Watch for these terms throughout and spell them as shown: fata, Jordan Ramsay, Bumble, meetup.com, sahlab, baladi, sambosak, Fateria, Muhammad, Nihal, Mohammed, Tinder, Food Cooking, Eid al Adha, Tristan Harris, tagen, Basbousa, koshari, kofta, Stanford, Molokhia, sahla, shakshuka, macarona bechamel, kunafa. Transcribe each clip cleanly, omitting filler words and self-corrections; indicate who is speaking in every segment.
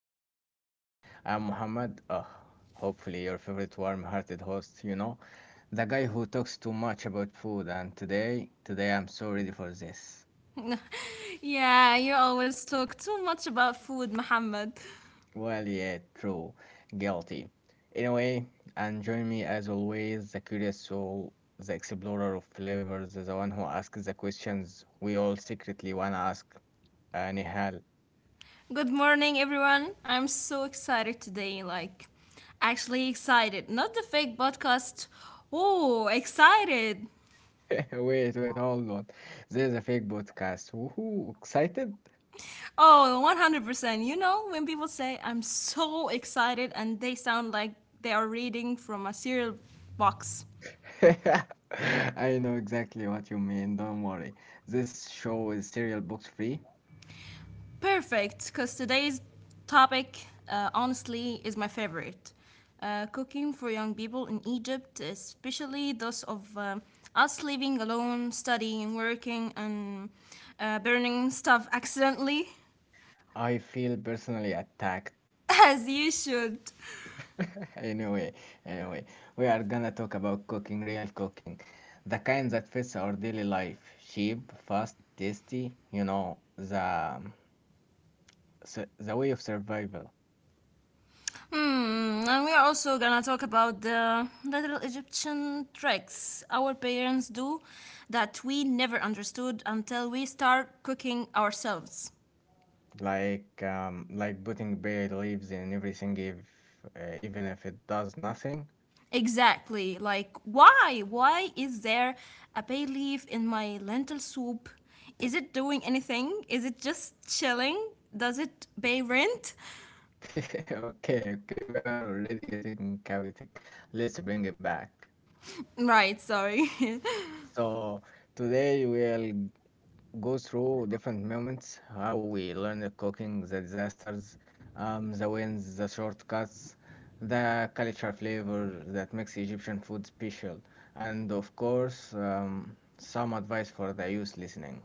Speaker 1: of Food Cooking. I'm Muhammad, hopefully your favorite warm-hearted host, the guy who talks too much about food. And today, today I'm so ready for this.
Speaker 2: Yeah, you always talk too much about food, Mohammed.
Speaker 1: Well, yeah, true, guilty. Anyway, and join me as always, the curious soul, the explorer of flavors, the one who asks the questions we all secretly wanna ask. Nihal.
Speaker 2: Good morning, everyone. I'm so excited today. Like, actually excited. Not the fake podcast. Oh, excited.
Speaker 1: Wait, wait, hold on. There's a fake podcast. Woohoo, excited?
Speaker 2: Oh, 100%. You know, when people say, I'm so excited, and they sound like they are reading from a cereal box.
Speaker 1: I know exactly what you mean. Don't worry. This show is cereal box free.
Speaker 2: Perfect, because today's topic, honestly, is my favorite. Cooking for young people in Egypt, especially those of us living alone, studying, working, and burning stuff accidentally,
Speaker 1: I feel personally attacked.
Speaker 2: As you should.
Speaker 1: Anyway, anyway, we are gonna talk about cooking, real cooking, the kind that fits our daily life. Cheap, fast, tasty, the way of survival.
Speaker 2: And we are also gonna talk about the little Egyptian tricks our parents do that we never understood until we start cooking ourselves.
Speaker 1: Like like putting bay leaves in everything if even if it does nothing.
Speaker 2: Exactly. Like, why? Why is there a bay leaf in my lentil soup? Is it doing anything? Is it just chilling? Does it pay rent?
Speaker 1: Okay, okay, we are already getting chaotic. Let's bring it back.
Speaker 2: Right, sorry.
Speaker 1: So today we'll go through different moments, how we learned cooking, the disasters, the wins, the shortcuts, the culture flavor that makes Egyptian food special, and of course some advice for the youth listening.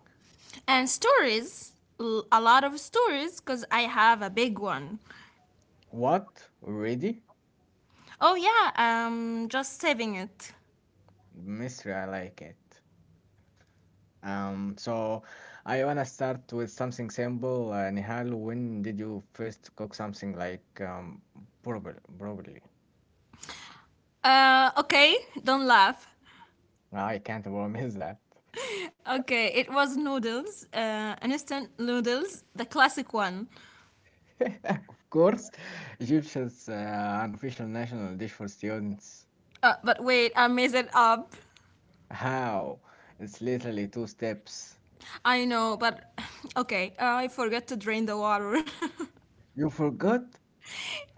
Speaker 2: And stories, a lot of stories, because I have a big one.
Speaker 1: What? Ready?
Speaker 2: Oh, yeah, just saving it.
Speaker 1: Mystery, I like it. So I wanna start with something simple. Nihal, when did you first cook something, like probably?
Speaker 2: Okay, don't laugh.
Speaker 1: No, I can't promise that.
Speaker 2: Okay, it was noodles, instant noodles, the classic one.
Speaker 1: Of course, Egyptians an official national dish for students.
Speaker 2: But wait, I messed it up.
Speaker 1: How? It's literally two steps.
Speaker 2: I know, but okay, I forgot to drain the water.
Speaker 1: You forgot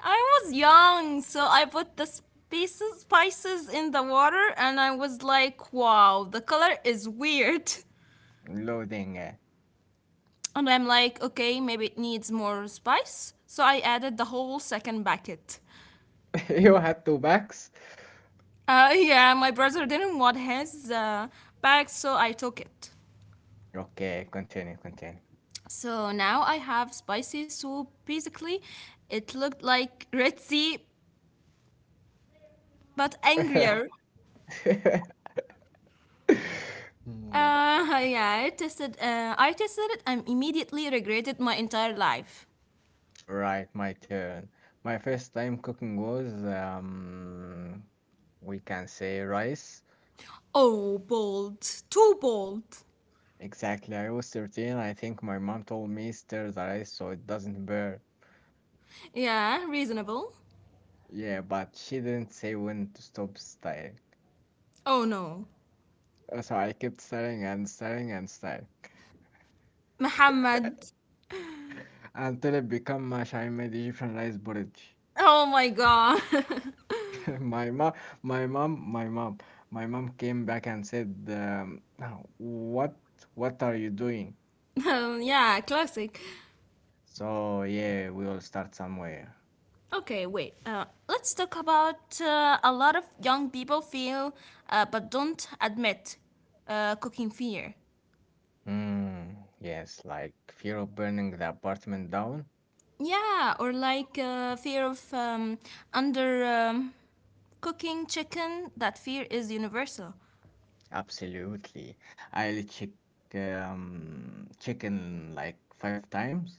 Speaker 2: I was young, so I put the spices in the water, and I was like, wow, the color is weird.
Speaker 1: loading it.
Speaker 2: And I'm like, okay, maybe it needs more spice. So I added the whole second bucket.
Speaker 1: You had two bags.
Speaker 2: Yeah, my brother didn't want his bag, so I took it.
Speaker 1: Okay, continue, continue.
Speaker 2: So now I have spicy soup. Basically, it looked like Red sea, but angrier.
Speaker 1: Hmm.
Speaker 2: Yeah, I tested. I tested it and immediately regretted my entire life.
Speaker 1: Right, my turn. My first time cooking was, we can say rice.
Speaker 2: Oh, bold, too bold.
Speaker 1: Exactly, I was 13. I think my mom told me stir the rice so it doesn't burn.
Speaker 2: Yeah, reasonable.
Speaker 1: Yeah, but she didn't say when to stop stirring.
Speaker 2: Oh no,
Speaker 1: So I kept stirring and stirring and stirring
Speaker 2: Muhammad.
Speaker 1: until it became mush. I made Egyptian rice porridge.
Speaker 2: Oh my God.
Speaker 1: My mom, my mom, my mom, my mom came back and said, "Now, what are you doing?"
Speaker 2: Yeah, classic.
Speaker 1: So, yeah, we all start somewhere.
Speaker 2: Okay, wait. Let's talk about a lot of young people feel, but don't admit, cooking fear.
Speaker 1: Mm, yes, like fear of burning the apartment down?
Speaker 2: Yeah, or like, fear of, under, cooking chicken. That fear is universal.
Speaker 1: Absolutely. I'll check chicken like five times.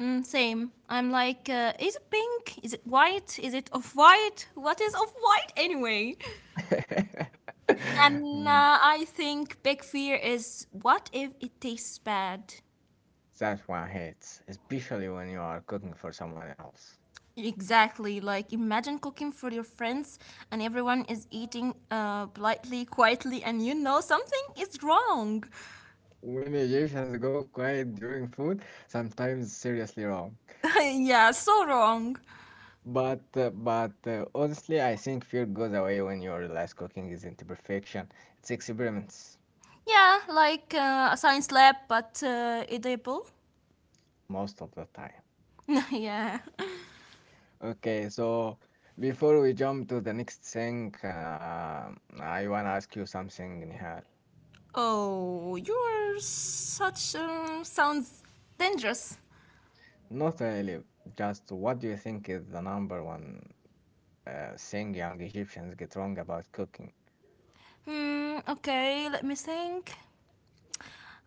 Speaker 2: Mm, same. I'm like, is it pink? Is it white? Is it off white? What is off white anyway? And
Speaker 1: Mm,
Speaker 2: I think big fear is, what if it tastes bad?
Speaker 1: that one hits, especially when you are cooking for someone else.
Speaker 2: Exactly. Like imagine cooking for your friends and everyone is eating, politely, quietly, and you know something is wrong.
Speaker 1: When Egyptians go quiet during food, sometimes seriously wrong.
Speaker 2: Yeah, so wrong.
Speaker 1: But honestly, I think fear goes away when you realize cooking isn't perfection. It's experiments.
Speaker 2: Yeah, like a science lab, but edible.
Speaker 1: Most of the time.
Speaker 2: Yeah.
Speaker 1: Okay, so before we jump to the next thing, I want to ask you something, Nihal.
Speaker 2: Oh, you're such, sounds dangerous.
Speaker 1: Not really, just what do you think is the number one thing young Egyptians get wrong about cooking?
Speaker 2: Hmm. Okay, let me think.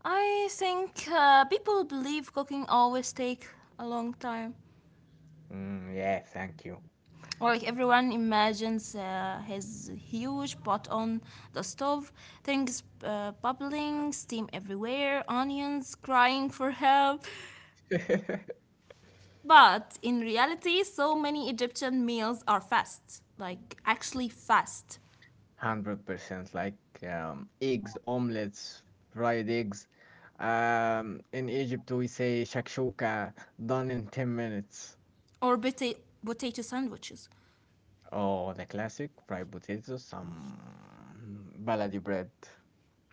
Speaker 2: I think people believe cooking always take a long time.
Speaker 1: Mm, yeah, thank you.
Speaker 2: Like everyone imagines his huge pot on the stove, things bubbling, steam everywhere, onions crying for help. But in reality, so many Egyptian meals are fast, like actually fast,
Speaker 1: 100% like eggs, omelets, fried eggs. In Egypt, we say shakshuka done in 10 minutes.
Speaker 2: or potato sandwiches.
Speaker 1: Oh, the classic fried potatoes, some baladi bread,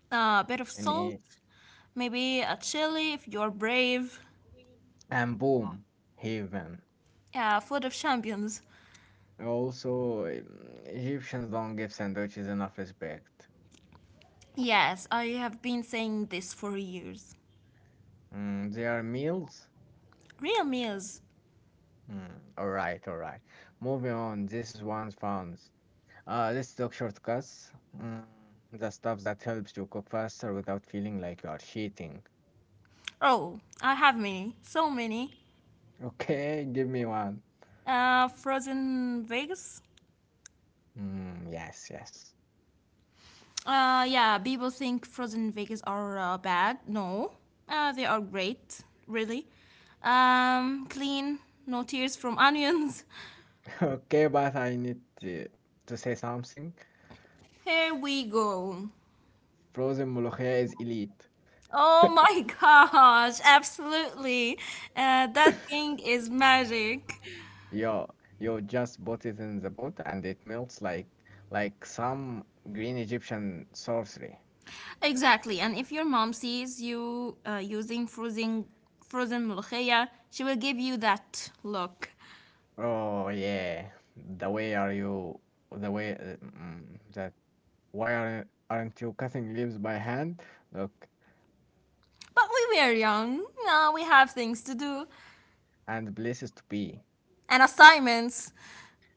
Speaker 2: A bit of
Speaker 1: and
Speaker 2: salt,
Speaker 1: it,
Speaker 2: maybe a chili if you're brave.
Speaker 1: and boom, heaven.
Speaker 2: Yeah, food of champions.
Speaker 1: Also, Egyptians don't give sandwiches enough respect.
Speaker 2: Yes, I have been saying this for years.
Speaker 1: Mm, they are meals.
Speaker 2: Real meals.
Speaker 1: Mm, all right, all right. Moving on. This is one's found. Let's talk shortcuts. Mm, the stuff that helps you cook faster without feeling like you are cheating.
Speaker 2: Oh, I have many, so many.
Speaker 1: Okay, give me one.
Speaker 2: Frozen Vegas.
Speaker 1: Mm, yes, yes.
Speaker 2: Yeah, people think Frozen in Vegas are bad. No, they are great, really. Clean, no tears from onions.
Speaker 1: Okay, but I need to say something.
Speaker 2: Here we go.
Speaker 1: Frozen Molokhia is elite.
Speaker 2: Oh my gosh, absolutely. That thing is magic.
Speaker 1: Yeah, you just put it in the pot and it melts like some green Egyptian sorcery.
Speaker 2: Exactly. And if your mom sees you using frozen ملوخية, she will give you that look.
Speaker 1: Oh yeah, the way are you the way mm, that why aren't you cutting leaves by hand? Look,
Speaker 2: But we were young. Now we have things to do
Speaker 1: and places to be
Speaker 2: and assignments,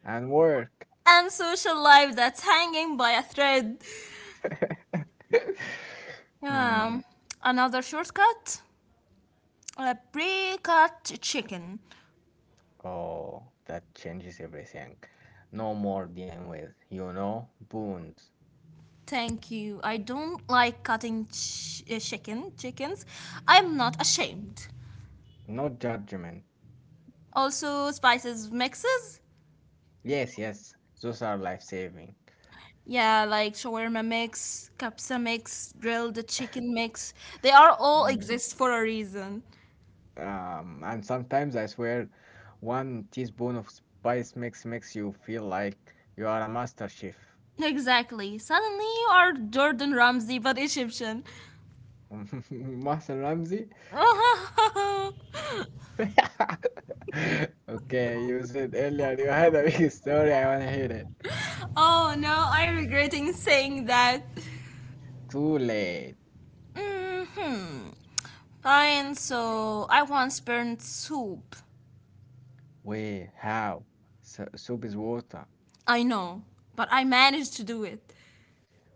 Speaker 1: and work.
Speaker 2: and social life that's hanging by a thread. Um,
Speaker 1: Hmm.
Speaker 2: Another shortcut? A pre cut chicken.
Speaker 1: Oh, that changes everything. No more dealing with, you know, boons,
Speaker 2: Thank you. I don't like cutting chicken chickens. I'm not ashamed.
Speaker 1: no judgment.
Speaker 2: Also, spices mixes.
Speaker 1: Yes, yes, those are life saving.
Speaker 2: Yeah, like shawarma mix, kapsa mix, grilled chicken mix. They are all
Speaker 1: Mm.
Speaker 2: exist for a reason.
Speaker 1: And sometimes I swear, one teaspoon of spice mix makes you feel like you are a master chef.
Speaker 2: Exactly. Suddenly you are Jordan Ramsay but Egyptian.
Speaker 1: Master Ramsey? Okay, you said earlier you had a big story. I wanna hear it.
Speaker 2: Oh no, I'm regretting saying that.
Speaker 1: Too late.
Speaker 2: hmm Fine, so I once burned soup.
Speaker 1: Wait, how? Su Soup is water.
Speaker 2: I know, but I managed to do it.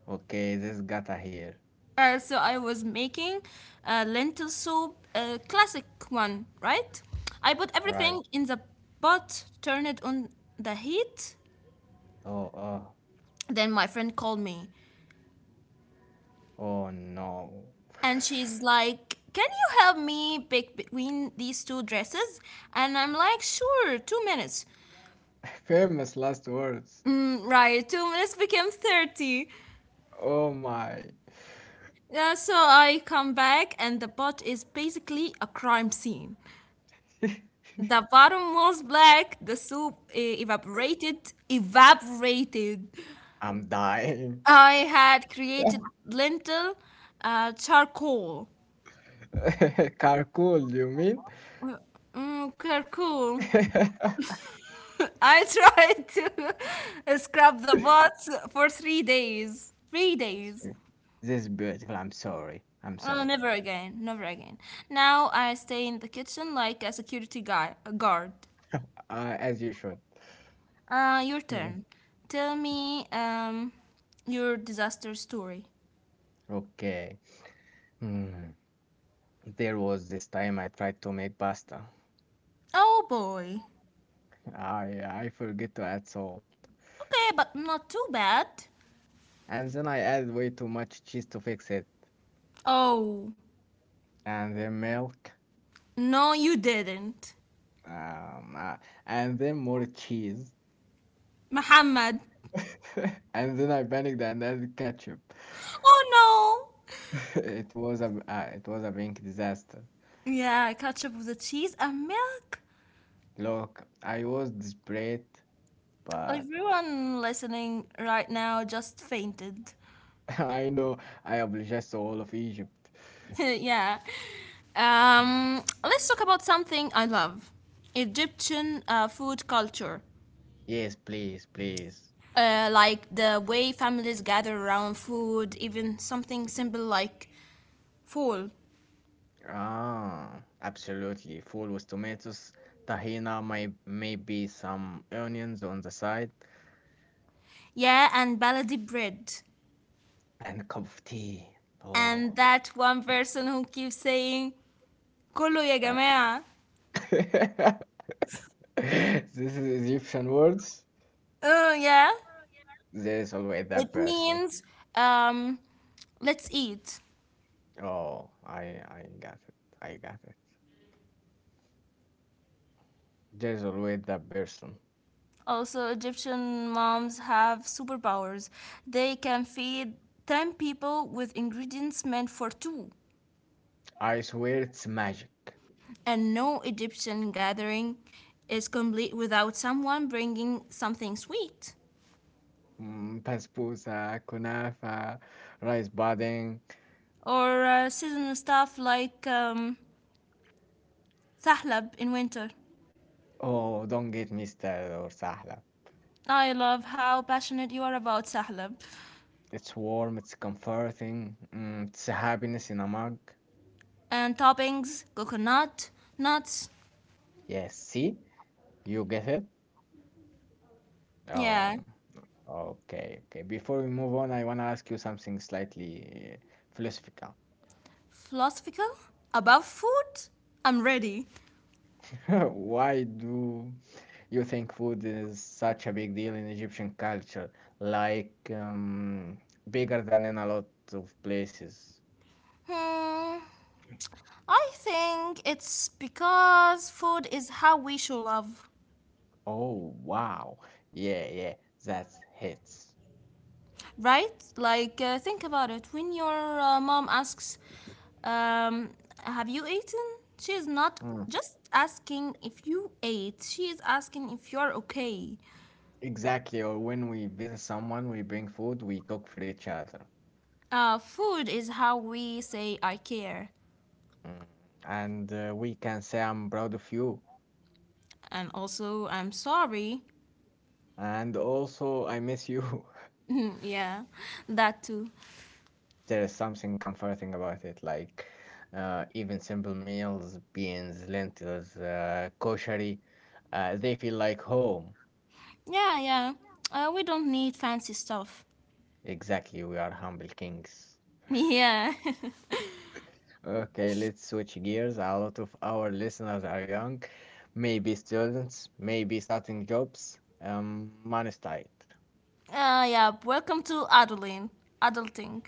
Speaker 1: Okay, this gotta here.
Speaker 2: So I was making lentil soup, a classic one, right? I put
Speaker 1: Right.
Speaker 2: everything in the pot, turned it on the heat.
Speaker 1: Oh, oh,
Speaker 2: Then my friend called me,
Speaker 1: oh no.
Speaker 2: and she's like, "Can you help me pick between these two dresses?" And I'm like, "Sure, 2 minutes."
Speaker 1: Famous last words.
Speaker 2: Right, 2 minutes became 30.
Speaker 1: Oh my,
Speaker 2: Yeah, so I come back, and the pot is basically a crime scene. The bottom was black, the soup, evaporated.
Speaker 1: I'm dying.
Speaker 2: I had created lentil, charcoal.
Speaker 1: Carcoal, you mean?
Speaker 2: Mm, charcoal. I tried to scrub the pot for 3 days. 3 days.
Speaker 1: This is beautiful. I'm sorry. I'm
Speaker 2: Oh,
Speaker 1: sorry.
Speaker 2: never again, never again. Now I stay in the kitchen like a security guy, a guard.
Speaker 1: As you should.
Speaker 2: Your
Speaker 1: Mm.
Speaker 2: turn. Tell me, your disaster story.
Speaker 1: Okay. Hmm. There was this time I tried to make pasta.
Speaker 2: Oh boy.
Speaker 1: I forget to add salt,
Speaker 2: Okay, but not too bad.
Speaker 1: and then I added way too much cheese to fix it,
Speaker 2: Oh,
Speaker 1: and then milk,
Speaker 2: no, you didn't.
Speaker 1: um, uh, and then more cheese,
Speaker 2: Muhammad.
Speaker 1: and then I panicked and added ketchup.
Speaker 2: Oh no.
Speaker 1: It was a big disaster.
Speaker 2: Yeah, ketchup with the cheese and milk.
Speaker 1: Look, I was desperate, but
Speaker 2: Everyone listening right now just fainted.
Speaker 1: I know I apologize to all of Egypt.
Speaker 2: Yeah. Let's talk about something I love, Egyptian food culture.
Speaker 1: Yes, please, please.
Speaker 2: Like the way families gather around food, even something simple like fool.
Speaker 1: Ah, absolutely. Full with tomatoes, tahina, maybe some onions on the side,
Speaker 2: Yeah, and baladi bread.
Speaker 1: and a cup of tea.
Speaker 2: And
Speaker 1: Oh,
Speaker 2: that one person who keeps saying, Kolo ya
Speaker 1: uh,
Speaker 2: jamaa.
Speaker 1: this is Egyptian words.
Speaker 2: Oh, yeah.
Speaker 1: There is always that
Speaker 2: It
Speaker 1: person.
Speaker 2: means, um, let's eat.
Speaker 1: Oh, I got it. I got it. There's always that person.
Speaker 2: Also, Egyptian moms have superpowers. They can feed 10 people with ingredients meant for two.
Speaker 1: I swear it's magic.
Speaker 2: And no Egyptian gathering is complete without someone bringing something sweet.
Speaker 1: Mm, Basbousa, kunafa, rice pudding.
Speaker 2: Or seasonal stuff like, sahlab in winter.
Speaker 1: Oh, don't get me started or sahla.
Speaker 2: I love how passionate you are about sahlab.
Speaker 1: It's warm, it's comforting, mm, it's happiness in a mug.
Speaker 2: And toppings, coconut, nuts.
Speaker 1: Yes, see? You get it?
Speaker 2: Yeah.
Speaker 1: Um, okay, okay. Before we move on, I want to ask you something slightly philosophical.
Speaker 2: Philosophical? About food? I'm ready.
Speaker 1: Why do you think food is such a big deal in Egyptian culture, like bigger than in a lot of places.
Speaker 2: Hmm. I think it's because food is how we show love,
Speaker 1: Oh, wow. Yeah, yeah, that's hits.
Speaker 2: right? Like, think about it. When your mom asks, um, have you eaten? She is not
Speaker 1: Mm,
Speaker 2: just asking if you ate, she is asking if you're okay.
Speaker 1: exactly. Or when we visit someone, we bring food, we cook for each other.
Speaker 2: Food is how we say, I care.
Speaker 1: Mm, and we can say, I'm proud of you.
Speaker 2: And also, I'm sorry.
Speaker 1: And also, I miss you.
Speaker 2: Yeah, that too.
Speaker 1: There is something comforting about it, like even simple meals, beans, lentils, koshari, they feel like home.
Speaker 2: Yeah, yeah. We don't need fancy stuff.
Speaker 1: Exactly, we are humble kings.
Speaker 2: Yeah.
Speaker 1: Okay, let's switch gears. A lot of our listeners are young, maybe students, maybe starting jobs. Money's tight.
Speaker 2: Yeah, welcome to adulting. Adulting.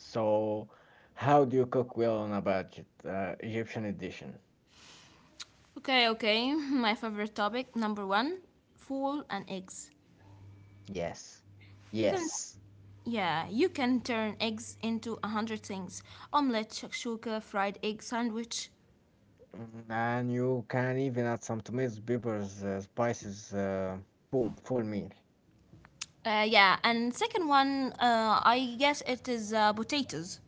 Speaker 1: So, how do you cook well on a budget? Egyptian edition.
Speaker 2: Okay, okay. My favorite topic number one: fool and eggs.
Speaker 1: Yes.
Speaker 2: You can,
Speaker 1: Yes.
Speaker 2: yeah, you can turn eggs into a hundred things: omelette, shakshuka, fried egg sandwich.
Speaker 1: Mm, and you can even add some tomatoes, peppers, spices. Boom, full meal.
Speaker 2: Yeah, and second one, I guess it is potatoes.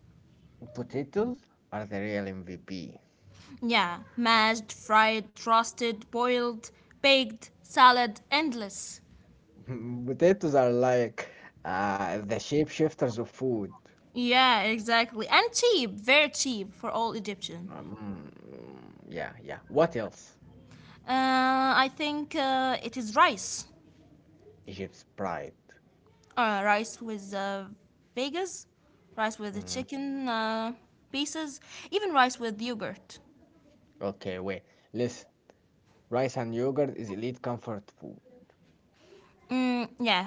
Speaker 1: Potatoes are the real MVP.
Speaker 2: Yeah, mashed, fried, roasted, boiled, baked, salad, endless.
Speaker 1: Potatoes are like the shapeshifters of food.
Speaker 2: Yeah, exactly. And cheap, very cheap for all Egyptian.
Speaker 1: Um, yeah, yeah. What else?
Speaker 2: I think it is rice.
Speaker 1: Egypt's pride.
Speaker 2: Rice with Vegas, rice with the
Speaker 1: Mm,
Speaker 2: chicken pieces, even rice with yogurt.
Speaker 1: okay, wait. Listen, rice and yogurt is elite comfort food.
Speaker 2: Yeah,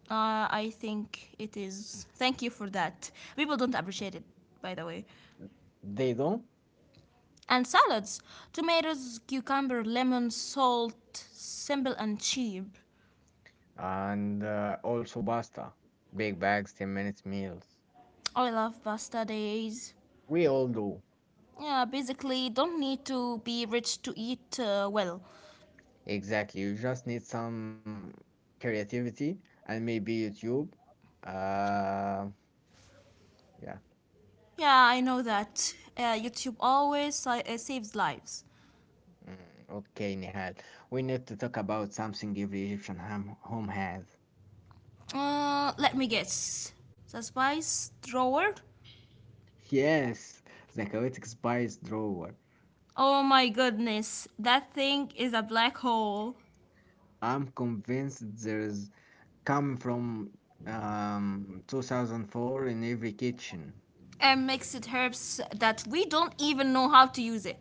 Speaker 2: I think it is. Thank you for that. People don't appreciate it, by the way.
Speaker 1: They don't.
Speaker 2: And salads, tomatoes, cucumber, lemon, salt, simple and cheap.
Speaker 1: And also pasta. Big bags, 10 minutes meals.
Speaker 2: I love pasta days.
Speaker 1: We all do.
Speaker 2: Yeah, basically, don't need to be rich to eat well.
Speaker 1: Exactly. You just need some creativity and maybe YouTube. Uh, yeah.
Speaker 2: Yeah, I know that. YouTube always saves lives.
Speaker 1: Mm, okay, Nihal. We need to talk about something every Egyptian home has.
Speaker 2: Let me guess. The spice drawer?
Speaker 1: Yes, the chaotic spice drawer.
Speaker 2: Oh my goodness, that thing is a black hole.
Speaker 1: I'm convinced there's come from 2004 in every kitchen
Speaker 2: And mixed herbs that we don't even know how to use it.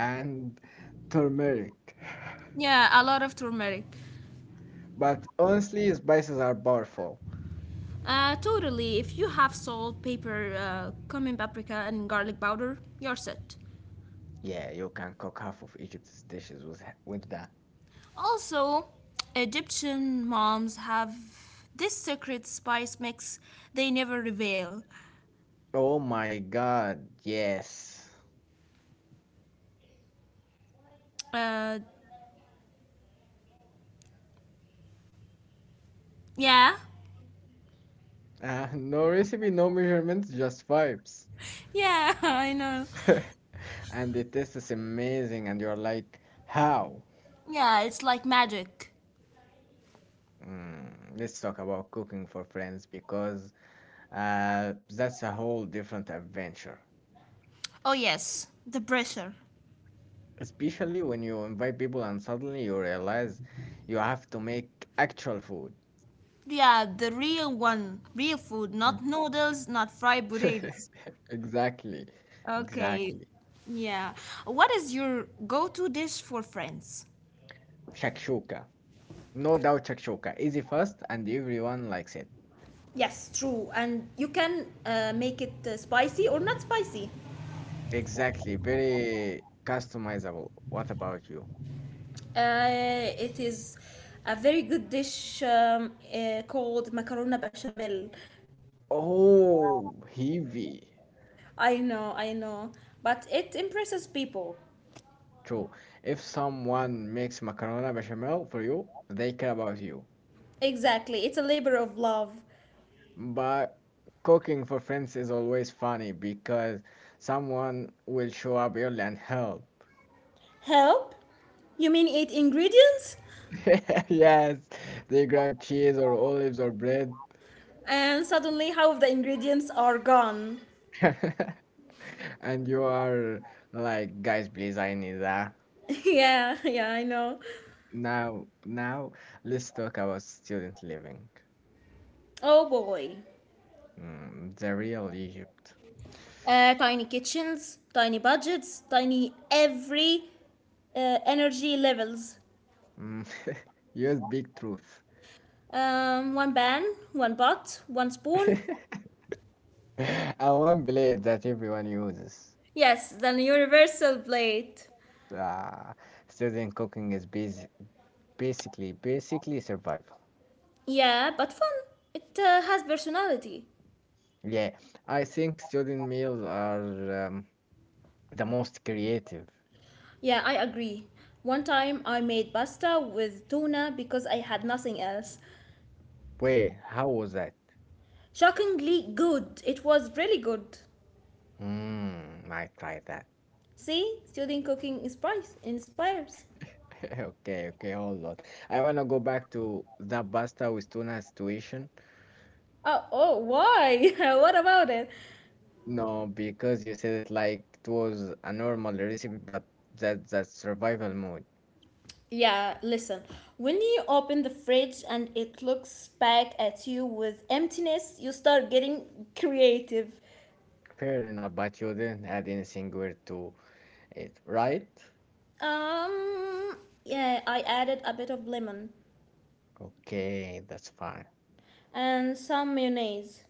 Speaker 1: and turmeric.
Speaker 2: Yeah, a lot of turmeric.
Speaker 1: But honestly, spices are powerful.
Speaker 2: Totally. If you have salt, pepper, cumin, paprika, and garlic powder, you're set.
Speaker 1: Yeah, you can cook half of Egypt's dishes with that.
Speaker 2: Also, Egyptian moms have this secret spice mix they never reveal.
Speaker 1: Oh my god, yes.
Speaker 2: Uh, yeah.
Speaker 1: No recipe, no measurements, just vibes.
Speaker 2: Yeah, I know.
Speaker 1: And the taste is amazing, and you're like, how?
Speaker 2: Yeah, it's like magic.
Speaker 1: Mm, let's talk about cooking for friends because that's a whole different adventure.
Speaker 2: Oh, yes, the pressure.
Speaker 1: Especially when you invite people and suddenly you realize you have to make actual food.
Speaker 2: Yeah, the real one. Real food,
Speaker 1: Mm.
Speaker 2: not noodles, not fried potatoes.
Speaker 1: Exactly,
Speaker 2: Okay.
Speaker 1: exactly.
Speaker 2: Yeah. What is your go to dish for friends?
Speaker 1: Shakshuka. No doubt shakshuka. Easy, fast, and everyone likes it.
Speaker 2: Yes, true. And you can make it spicy or not spicy.
Speaker 1: Exactly, very customizable. What about you?
Speaker 2: It is a very good dish called macarona bechamel.
Speaker 1: Oh, heavy.
Speaker 2: I know, I know. But it impresses people.
Speaker 1: True. If someone makes macarona bechamel for you, they care about you.
Speaker 2: Exactly. It's a labor of love.
Speaker 1: But cooking for friends is always funny because someone will show up early and help.
Speaker 2: Help? You mean eight ingredients?
Speaker 1: Yes, they grab cheese or olives or bread.
Speaker 2: And suddenly half of the ingredients are gone.
Speaker 1: And you are like, guys, please, I need that.
Speaker 2: Yeah, yeah, I know.
Speaker 1: Now, now let's talk about student living.
Speaker 2: Oh boy.
Speaker 1: Mm, the real Egypt.
Speaker 2: Tiny kitchens, tiny budgets, tiny every energy levels.
Speaker 1: Mm, use big truth.
Speaker 2: One pan, one pot, one spoon.
Speaker 1: And one blade that everyone uses.
Speaker 2: Yes, the universal plate.
Speaker 1: Uh, Student cooking is basic, basically survival.
Speaker 2: Yeah, but fun. It has personality.
Speaker 1: Yeah, I think student meals are the most creative.
Speaker 2: Yeah, I agree. One time I made pasta with tuna because I had nothing else.
Speaker 1: Wait, how was that?
Speaker 2: Shockingly good. It was really good.
Speaker 1: Hmm, might try that.
Speaker 2: See, student cooking inspires.
Speaker 1: Okay, okay, hold on. I want to go back to that pasta with tuna situation.
Speaker 2: Oh, oh, why? What about it?
Speaker 1: No, because you said it like it was a normal recipe, but that's survival mode.
Speaker 2: Yeah, listen. When you open the fridge and it looks back at you with emptiness, you start getting creative.
Speaker 1: Fair enough, but you didn't add anything weird to it, right?
Speaker 2: Um, yeah, I added a bit of lemon
Speaker 1: Okay, that's fine.
Speaker 2: and some mayonnaise.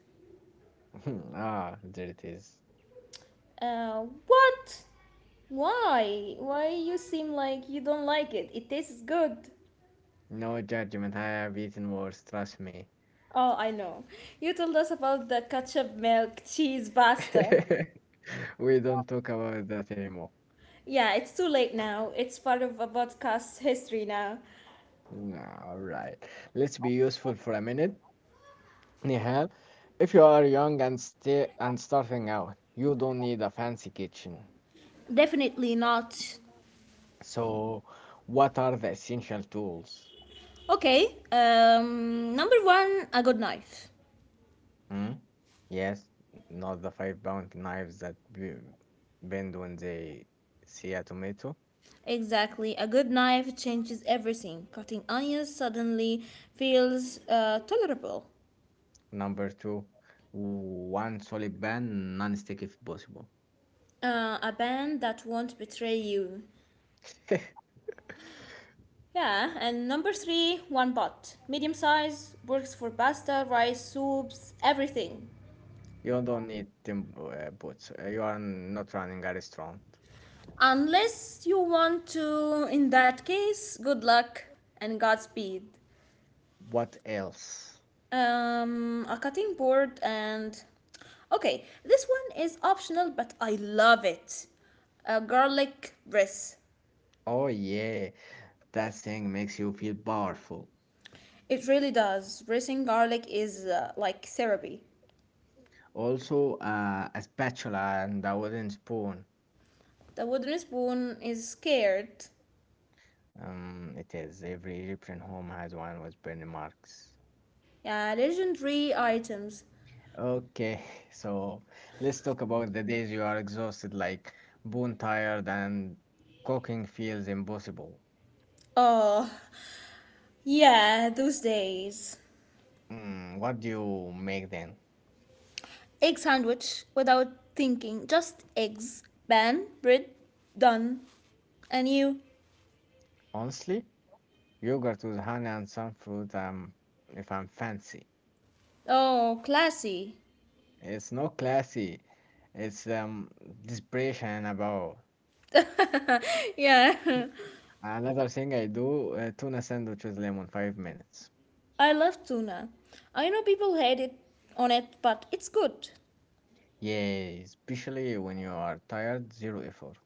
Speaker 1: Ah, there it is.
Speaker 2: What? Why? Why you seem like you don't like it? It tastes good.
Speaker 1: No judgment. I have eaten worse, trust me.
Speaker 2: Oh, I know. You told us about the ketchup, milk, cheese, pasta.
Speaker 1: We don't talk about that anymore.
Speaker 2: Yeah, it's too late now. It's part of a podcast history now.
Speaker 1: No, all right. Let's be useful for a minute. Nihal, if you are young and sti and starting out, you don't need a fancy kitchen.
Speaker 2: Definitely not.
Speaker 1: So, what are the essential tools?
Speaker 2: Okay. Number one, a good knife.
Speaker 1: Hmm? Yes, not the 5-pound knives that bend when they see a tomato.
Speaker 2: Exactly. A good knife changes everything. Cutting onions suddenly feels tolerable.
Speaker 1: Number two, one solid pan, non-stick if possible.
Speaker 2: A band that won't betray you. Yeah, and number three, one pot. Medium size works for pasta, rice, soups, everything.
Speaker 1: You don't need tim boots. You are not running a restaurant.
Speaker 2: Unless you want to, in that case, good luck and Godspeed.
Speaker 1: What else?
Speaker 2: A cutting board and. Okay, this one is optional, but I love it. A garlic press.
Speaker 1: Oh yeah, that thing makes you feel powerful.
Speaker 2: It really does. Pressing garlic is like therapy.
Speaker 1: Also, a spatula and a wooden spoon.
Speaker 2: The wooden spoon is scared.
Speaker 1: It is. Every Egyptian home has one with burning marks.
Speaker 2: Yeah, legendary items.
Speaker 1: Okay, so let's talk about the days you are exhausted, like bone tired, and cooking feels impossible.
Speaker 2: Oh, yeah, those days.
Speaker 1: Mm, what do you make then?
Speaker 2: Egg sandwich without thinking. Just eggs, bun, bread, done. And you?
Speaker 1: Honestly, yogurt with honey and some fruit, if I'm fancy.
Speaker 2: Oh, classy.
Speaker 1: It's not classy, it's desperation about.
Speaker 2: Yeah.
Speaker 1: Another thing I do, tuna sandwich with lemon, 5 minutes.
Speaker 2: I love tuna. I know people hate it on it, but it's good.
Speaker 1: Yeah, especially when you are tired, zero effort.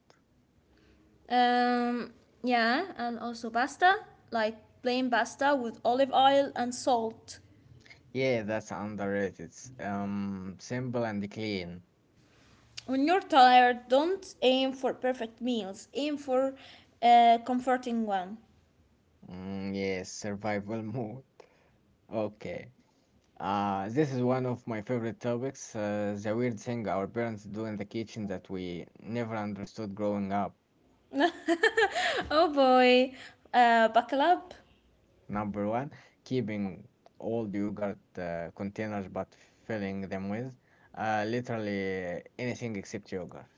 Speaker 2: Um, yeah, and also pasta, like plain pasta with olive oil and salt.
Speaker 1: Yeah, that's underrated. Simple and clean.
Speaker 2: When you're tired, don't aim for perfect meals. Aim for a comforting one.
Speaker 1: Mm, yes, survival mode. Okay. This is one of my favorite topics. The weird thing our parents do in the kitchen that we never understood growing up.
Speaker 2: Oh boy, buckle up.
Speaker 1: Number one, keeping old yogurt containers but filling them with literally anything except yogurt,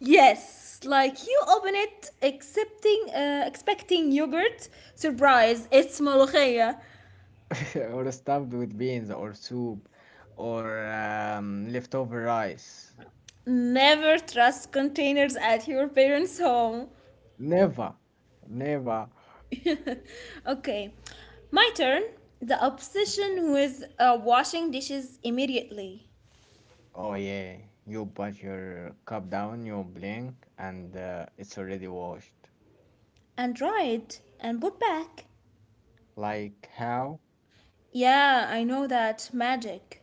Speaker 2: Yes, like you open it, accepting, expecting yogurt. Surprise, it's molokhia.
Speaker 1: or stuffed with beans or soup or leftover rice.
Speaker 2: Never trust containers at your parents' home.
Speaker 1: Never, never.
Speaker 2: Okay, my turn. The
Speaker 1: Mhm.
Speaker 2: obsession with washing dishes immediately
Speaker 1: Oh yeah, you put your cup down, you blink, and it's already washed.
Speaker 2: and dried and put back.
Speaker 1: Like how?
Speaker 2: Yeah, I know that magic.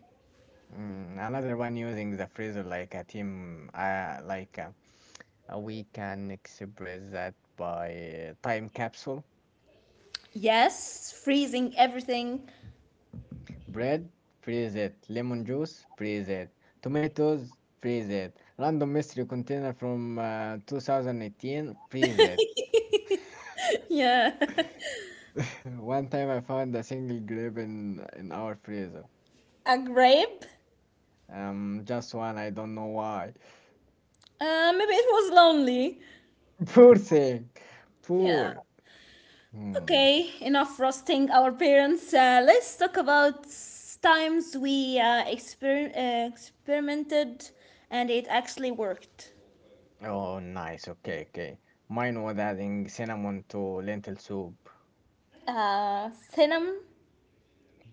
Speaker 1: Mm, another one using the freezer like a team, like. A We can express that by time capsule.
Speaker 2: Yes, freezing everything.
Speaker 1: Bread, freeze it. Lemon juice, freeze it. Tomatoes, freeze it. Random mystery container from 2018, freeze it.
Speaker 2: Yeah,
Speaker 1: One time I found a single grape in our freezer.
Speaker 2: a grape.
Speaker 1: Just one. I don't know why.
Speaker 2: Maybe it was lonely.
Speaker 1: Poor thing.
Speaker 2: Yeah.
Speaker 1: Poor. Hmm.
Speaker 2: Okay, enough roasting our parents. Let's talk about times we experimented and it actually worked.
Speaker 1: Oh, nice. Okay, okay. Mine was adding cinnamon to lentil soup.
Speaker 2: Cinnamon?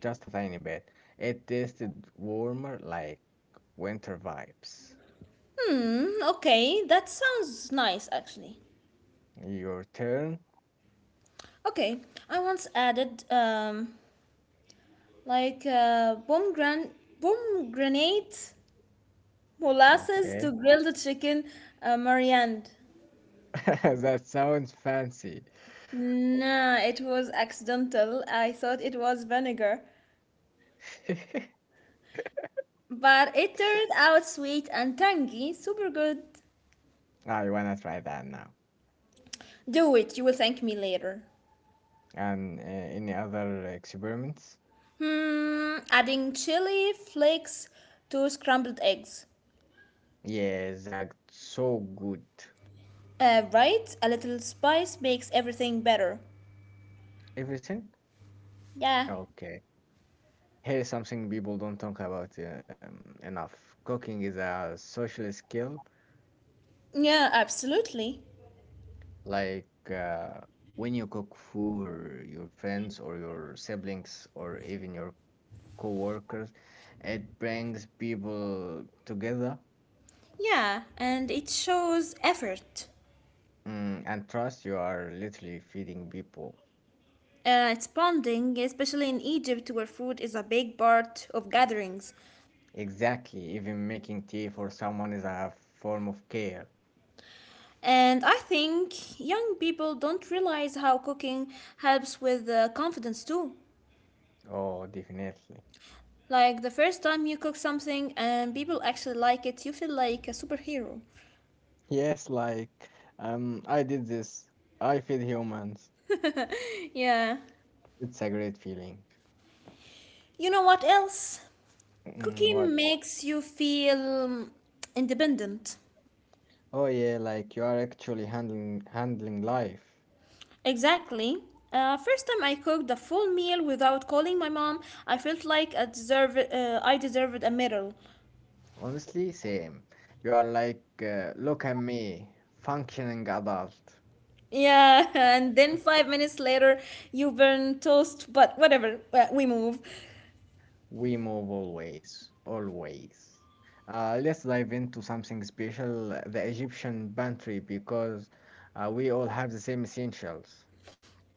Speaker 1: Just a tiny bit. It tasted warmer, like winter vibes.
Speaker 2: Hmm, okay, that sounds nice actually.
Speaker 1: Your turn?
Speaker 2: Okay, I once added like pomegranate molasses to
Speaker 1: Okay.
Speaker 2: grill the chicken mariand.
Speaker 1: That sounds fancy.
Speaker 2: Nah, it was accidental. I thought it was vinegar, but it turned out sweet and tangy. Super good.
Speaker 1: I wanna try that now.
Speaker 2: Do it, you will thank me later.
Speaker 1: And any other experiments?
Speaker 2: Hmm, adding chili flakes to scrambled eggs.
Speaker 1: Yes, that's so good.
Speaker 2: Right? A little spice makes everything better.
Speaker 1: Everything?
Speaker 2: Yeah.
Speaker 1: Okay. Here's something people don't talk about enough. Cooking is a social skill.
Speaker 2: Yeah, absolutely.
Speaker 1: Like when you cook for your friends or your siblings or even your co-workers, it brings people together,
Speaker 2: Yeah, and it shows effort.
Speaker 1: mm, and trust you are literally feeding people.
Speaker 2: It's bonding, especially in Egypt, where food is a big part of gatherings.
Speaker 1: Exactly, even making tea for someone is a form of care.
Speaker 2: And I think young people don't realize how cooking helps with confidence too.
Speaker 1: Oh, definitely.
Speaker 2: Like the first time you cook something and people actually like it, you feel like a superhero.
Speaker 1: Yes, like, I did this. I feed humans.
Speaker 2: Yeah.
Speaker 1: It's a great feeling.
Speaker 2: You know what else?
Speaker 1: Mm,
Speaker 2: Cooking
Speaker 1: what?
Speaker 2: makes you feel independent.
Speaker 1: Oh yeah, like you are actually handling life.
Speaker 2: Exactly. First time I cooked a full meal without calling my mom, I felt like I I deserved a medal.
Speaker 1: Honestly, same. You are like, look at me, functioning adult.
Speaker 2: Yeah, and then five minutes later, you burn toast, but whatever, we move.
Speaker 1: We move always, always. Let's dive into something special, the Egyptian pantry, because we all have the same essentials.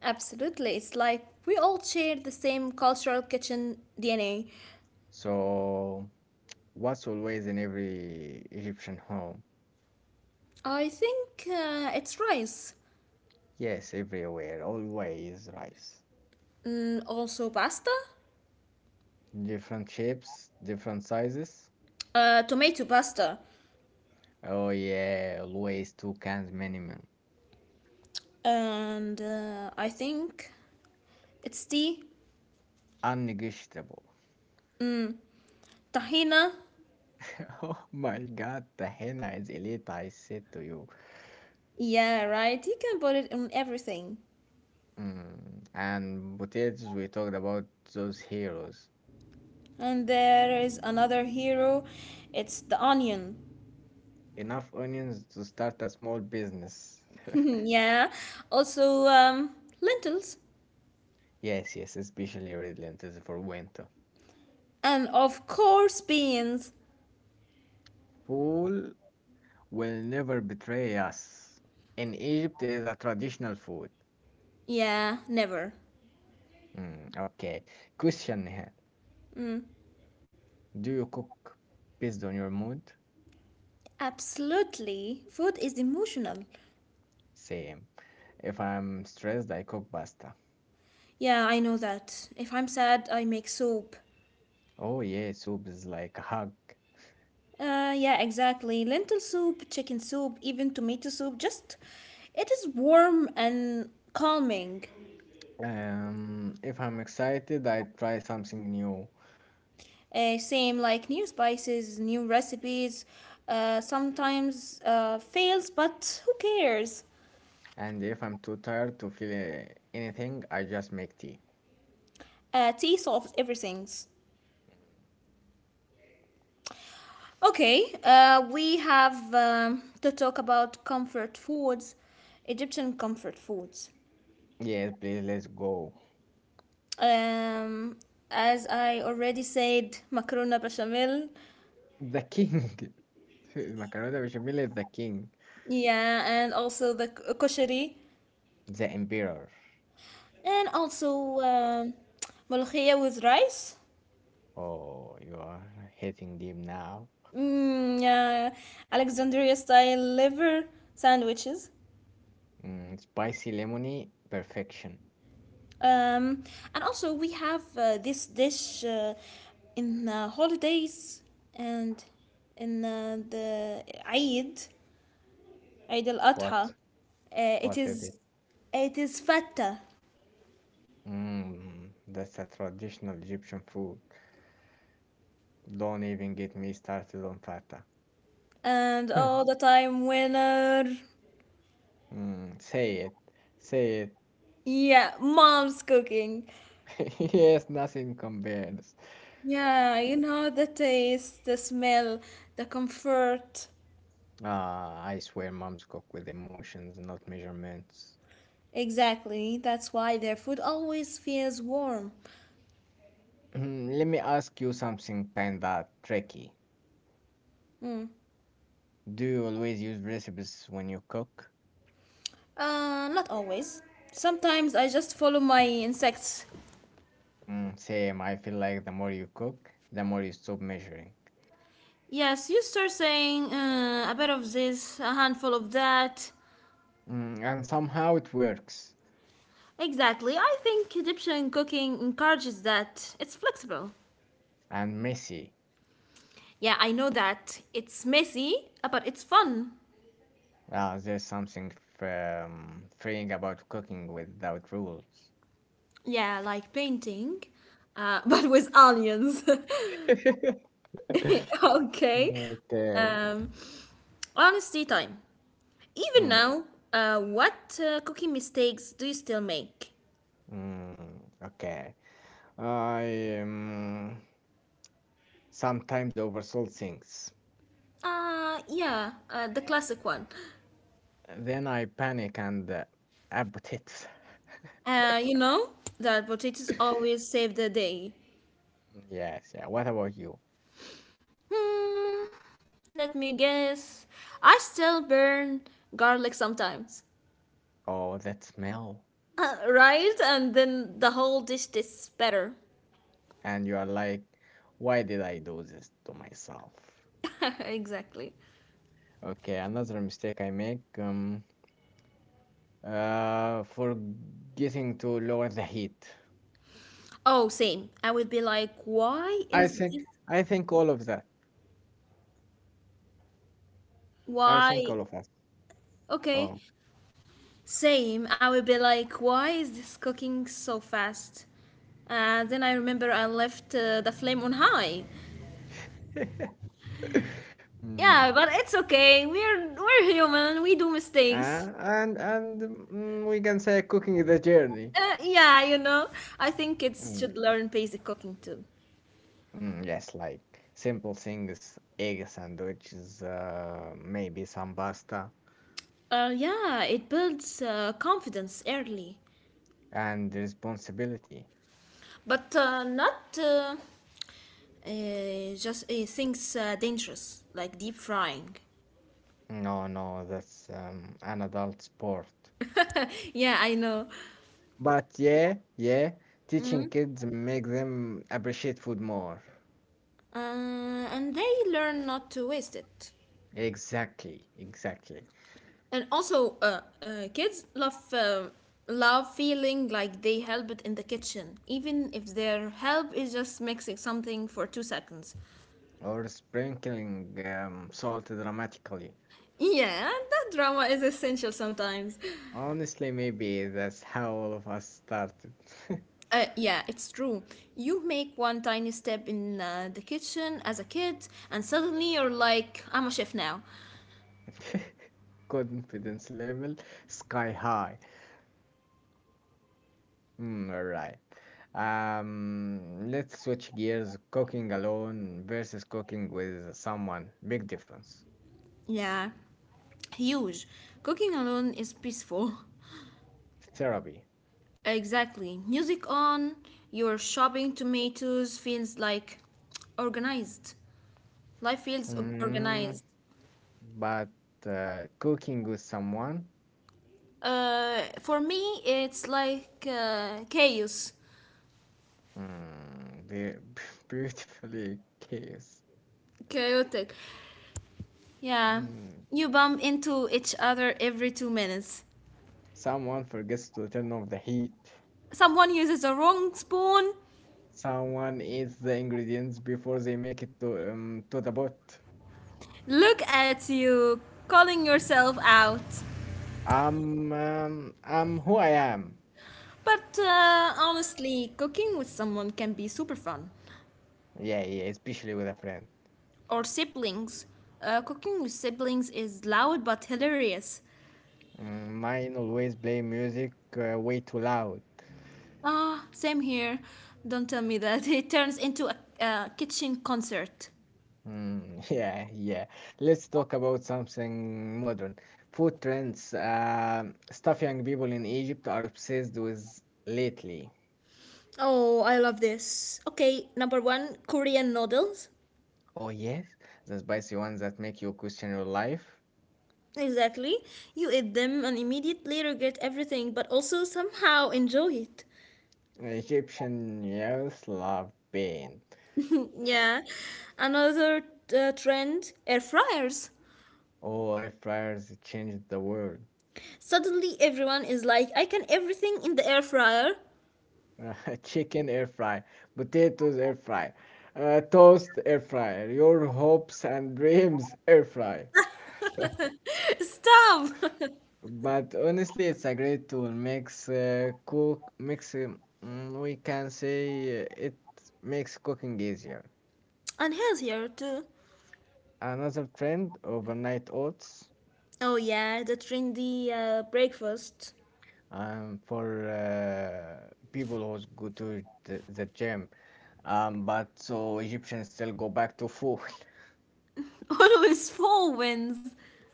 Speaker 2: Absolutely, it's like we all share the same cultural kitchen DNA.
Speaker 1: So, what's always in every Egyptian home?
Speaker 2: I think it's rice,
Speaker 1: Yes, everywhere, always rice.
Speaker 2: mm, also pasta,
Speaker 1: Different shapes, different sizes.
Speaker 2: tomato pasta,
Speaker 1: Oh, yeah, always two cans minimum.
Speaker 2: and I think it's tea,
Speaker 1: Unnegotiable.
Speaker 2: tahina.
Speaker 1: Oh my God, the henna is elite, I said to you.
Speaker 2: Yeah, right, you can put it in everything.
Speaker 1: Mm, and potatoes, we talked about those heroes.
Speaker 2: And there is another hero, it's the onion.
Speaker 1: Enough onions to start a small business.
Speaker 2: Yeah. Also, lentils.
Speaker 1: Yes, yes, especially red lentils for winter.
Speaker 2: And of course, beans.
Speaker 1: Fool will never betray us. In Egypt is a traditional food.
Speaker 2: Yeah, never.
Speaker 1: Mm, okay. Question here. Do you cook based on your mood?
Speaker 2: Absolutely. Food is emotional.
Speaker 1: Same. If I'm stressed, I cook pasta.
Speaker 2: Yeah, I know that. If I'm sad, I make soup.
Speaker 1: Oh yeah, soup is like a hug.
Speaker 2: Yeah, exactly. Lentil soup, chicken soup, even tomato soup. Just, it is warm and calming.
Speaker 1: If I'm excited, I try something new.
Speaker 2: Same, like new spices, new recipes. Sometimes fails, but who cares?
Speaker 1: And if I'm too tired to feel anything, I just make tea.
Speaker 2: Tea solves everything. Okay, we have to talk about comfort foods, Egyptian comfort foods.
Speaker 1: Yes, please, let's go.
Speaker 2: Um, as I already said, macarona bechamel,
Speaker 1: The king. Macaroni bechamel is the king.
Speaker 2: yeah, and also the kosheri,
Speaker 1: The emperor.
Speaker 2: and also ملوخية with rice,
Speaker 1: Oh, you are hitting deep now.
Speaker 2: mm, yeah, Alexandria style liver sandwiches.
Speaker 1: Mm, spicy lemony, perfection.
Speaker 2: Um, and also, we have this dish in holidays and in the Eid, Eid al
Speaker 1: What?
Speaker 2: Adha. It
Speaker 1: What is
Speaker 2: is
Speaker 1: it?
Speaker 2: it is fatta,
Speaker 1: Mm, that's a traditional Egyptian food. Don't even get me started on fata.
Speaker 2: and all the time winner.
Speaker 1: Mm, say it. Say it.
Speaker 2: Yeah, mom's cooking.
Speaker 1: Yes, nothing compares.
Speaker 2: Yeah, you know the taste, the smell, the comfort.
Speaker 1: Ah, I swear moms cook with emotions, not measurements.
Speaker 2: Exactly. That's why their food always feels warm.
Speaker 1: Let me ask you something kinda tricky. Do you always use recipes when you cook?
Speaker 2: Not always. Sometimes I just follow my insects.
Speaker 1: Mm, same, I feel like the more you cook, the more you stop measuring.
Speaker 2: Yes, you start saying a bit of this, a handful of that.
Speaker 1: Mm, and somehow it works.
Speaker 2: Exactly. I think Egyptian cooking encourages that. It's flexible.
Speaker 1: And messy.
Speaker 2: Yeah, I know that. It's messy, but it's fun.
Speaker 1: Ah, there's something freeing about cooking without rules.
Speaker 2: Yeah, like painting, but with onions. Okay.
Speaker 1: Okay.
Speaker 2: Um, Honesty time. Even
Speaker 1: Mm,
Speaker 2: now, what cooking mistakes do you still make?
Speaker 1: mm, okay. I sometimes oversold things.
Speaker 2: Yeah, the classic one.
Speaker 1: Then I panic and about it.
Speaker 2: You know that potatoes always save the day.
Speaker 1: Yes, yeah. What about you?
Speaker 2: Hmm, let me guess. I still burn garlic sometimes.
Speaker 1: Oh, that smell.
Speaker 2: Right? And then the whole dish tastes better.
Speaker 1: And you are like, why did I do this to myself?
Speaker 2: Exactly.
Speaker 1: Okay, another mistake I make, forgetting to lower the heat.
Speaker 2: Oh, same. I would be like, why is this?
Speaker 1: I think all of that. I think
Speaker 2: Why?
Speaker 1: all of us.
Speaker 2: Okay.
Speaker 1: Oh.
Speaker 2: Same. I would be like, why is this cooking so fast? And then I remember I left the flame on high.
Speaker 1: Mm.
Speaker 2: Yeah, but it's okay. We're human. We do mistakes.
Speaker 1: And we can say cooking is a journey.
Speaker 2: Yeah, you know. I think kids
Speaker 1: Mm.
Speaker 2: should learn basic cooking too.
Speaker 1: Mm, yes, like simple things, egg sandwiches, maybe some pasta,
Speaker 2: Yeah, it builds confidence early,
Speaker 1: and responsibility.
Speaker 2: but not just things dangerous like deep frying.
Speaker 1: No, no, that's an adult sport.
Speaker 2: Yeah, I know.
Speaker 1: But yeah, yeah, teaching kids make them appreciate food more.
Speaker 2: Uh, and they learn not to waste it.
Speaker 1: Exactly, exactly.
Speaker 2: And also, kids love feeling like they help in the kitchen, even if their help is just mixing something for two seconds.
Speaker 1: Or sprinkling salt dramatically.
Speaker 2: Yeah, that drama is essential sometimes.
Speaker 1: Honestly, maybe that's how all of us started.
Speaker 2: Yeah, it's true. You make one tiny step in the kitchen as a kid, and suddenly you're like, I'm a chef now.
Speaker 1: Confidence level sky high. Mm, all right. Let's switch gears. Cooking alone versus cooking with someone. Big difference.
Speaker 2: Yeah, huge. Cooking alone is peaceful.
Speaker 1: Therapy.
Speaker 2: Exactly. Music on, you're shopping tomatoes feels like organized. Life feels o-
Speaker 1: Mm,
Speaker 2: organized.
Speaker 1: but cooking with someone,
Speaker 2: For me, it's like
Speaker 1: mm, beautifully case.
Speaker 2: chaotic. Yeah,
Speaker 1: Mm,
Speaker 2: you bump into each other every two minutes.
Speaker 1: someone forgets to turn off the heat.
Speaker 2: Someone uses a wrong spoon.
Speaker 1: Someone eats the ingredients before they make it to the pot.
Speaker 2: Look at you, calling yourself out.
Speaker 1: I'm who I am.
Speaker 2: But honestly, cooking with someone can be super fun.
Speaker 1: Yeah, yeah, especially with a friend.
Speaker 2: Or siblings. Cooking with siblings is loud but hilarious.
Speaker 1: Mm, mine always play music way too loud.
Speaker 2: Ah, same here. Don't tell me that. It turns into a kitchen concert.
Speaker 1: Mm, yeah, yeah. Let's talk about something modern. Food trends. Stuff young people in Egypt are obsessed with lately.
Speaker 2: Oh, I love this. Okay, number one Korean noodles.
Speaker 1: Oh yes, the spicy ones that make you question your life.
Speaker 2: Exactly. You eat them and immediately regret everything, but also somehow enjoy it.
Speaker 1: Egyptian youth love pain.
Speaker 2: Yeah. Another trend air fryers.
Speaker 1: Oh, air fryers changed the world.
Speaker 2: Suddenly, everyone is like, I can everything in the air fryer.
Speaker 1: Chicken air fry, potatoes air fry, toast air fryer, your hopes and dreams air fry.
Speaker 2: Stop!
Speaker 1: But honestly, it's a great tool. Makes we can say it makes cooking easier.
Speaker 2: And healthier too.
Speaker 1: Another trend: overnight oats.
Speaker 2: Oh yeah, the trendy breakfast.
Speaker 1: For people who go to the gym. But so Egyptians still go back to food.
Speaker 2: Always four wins.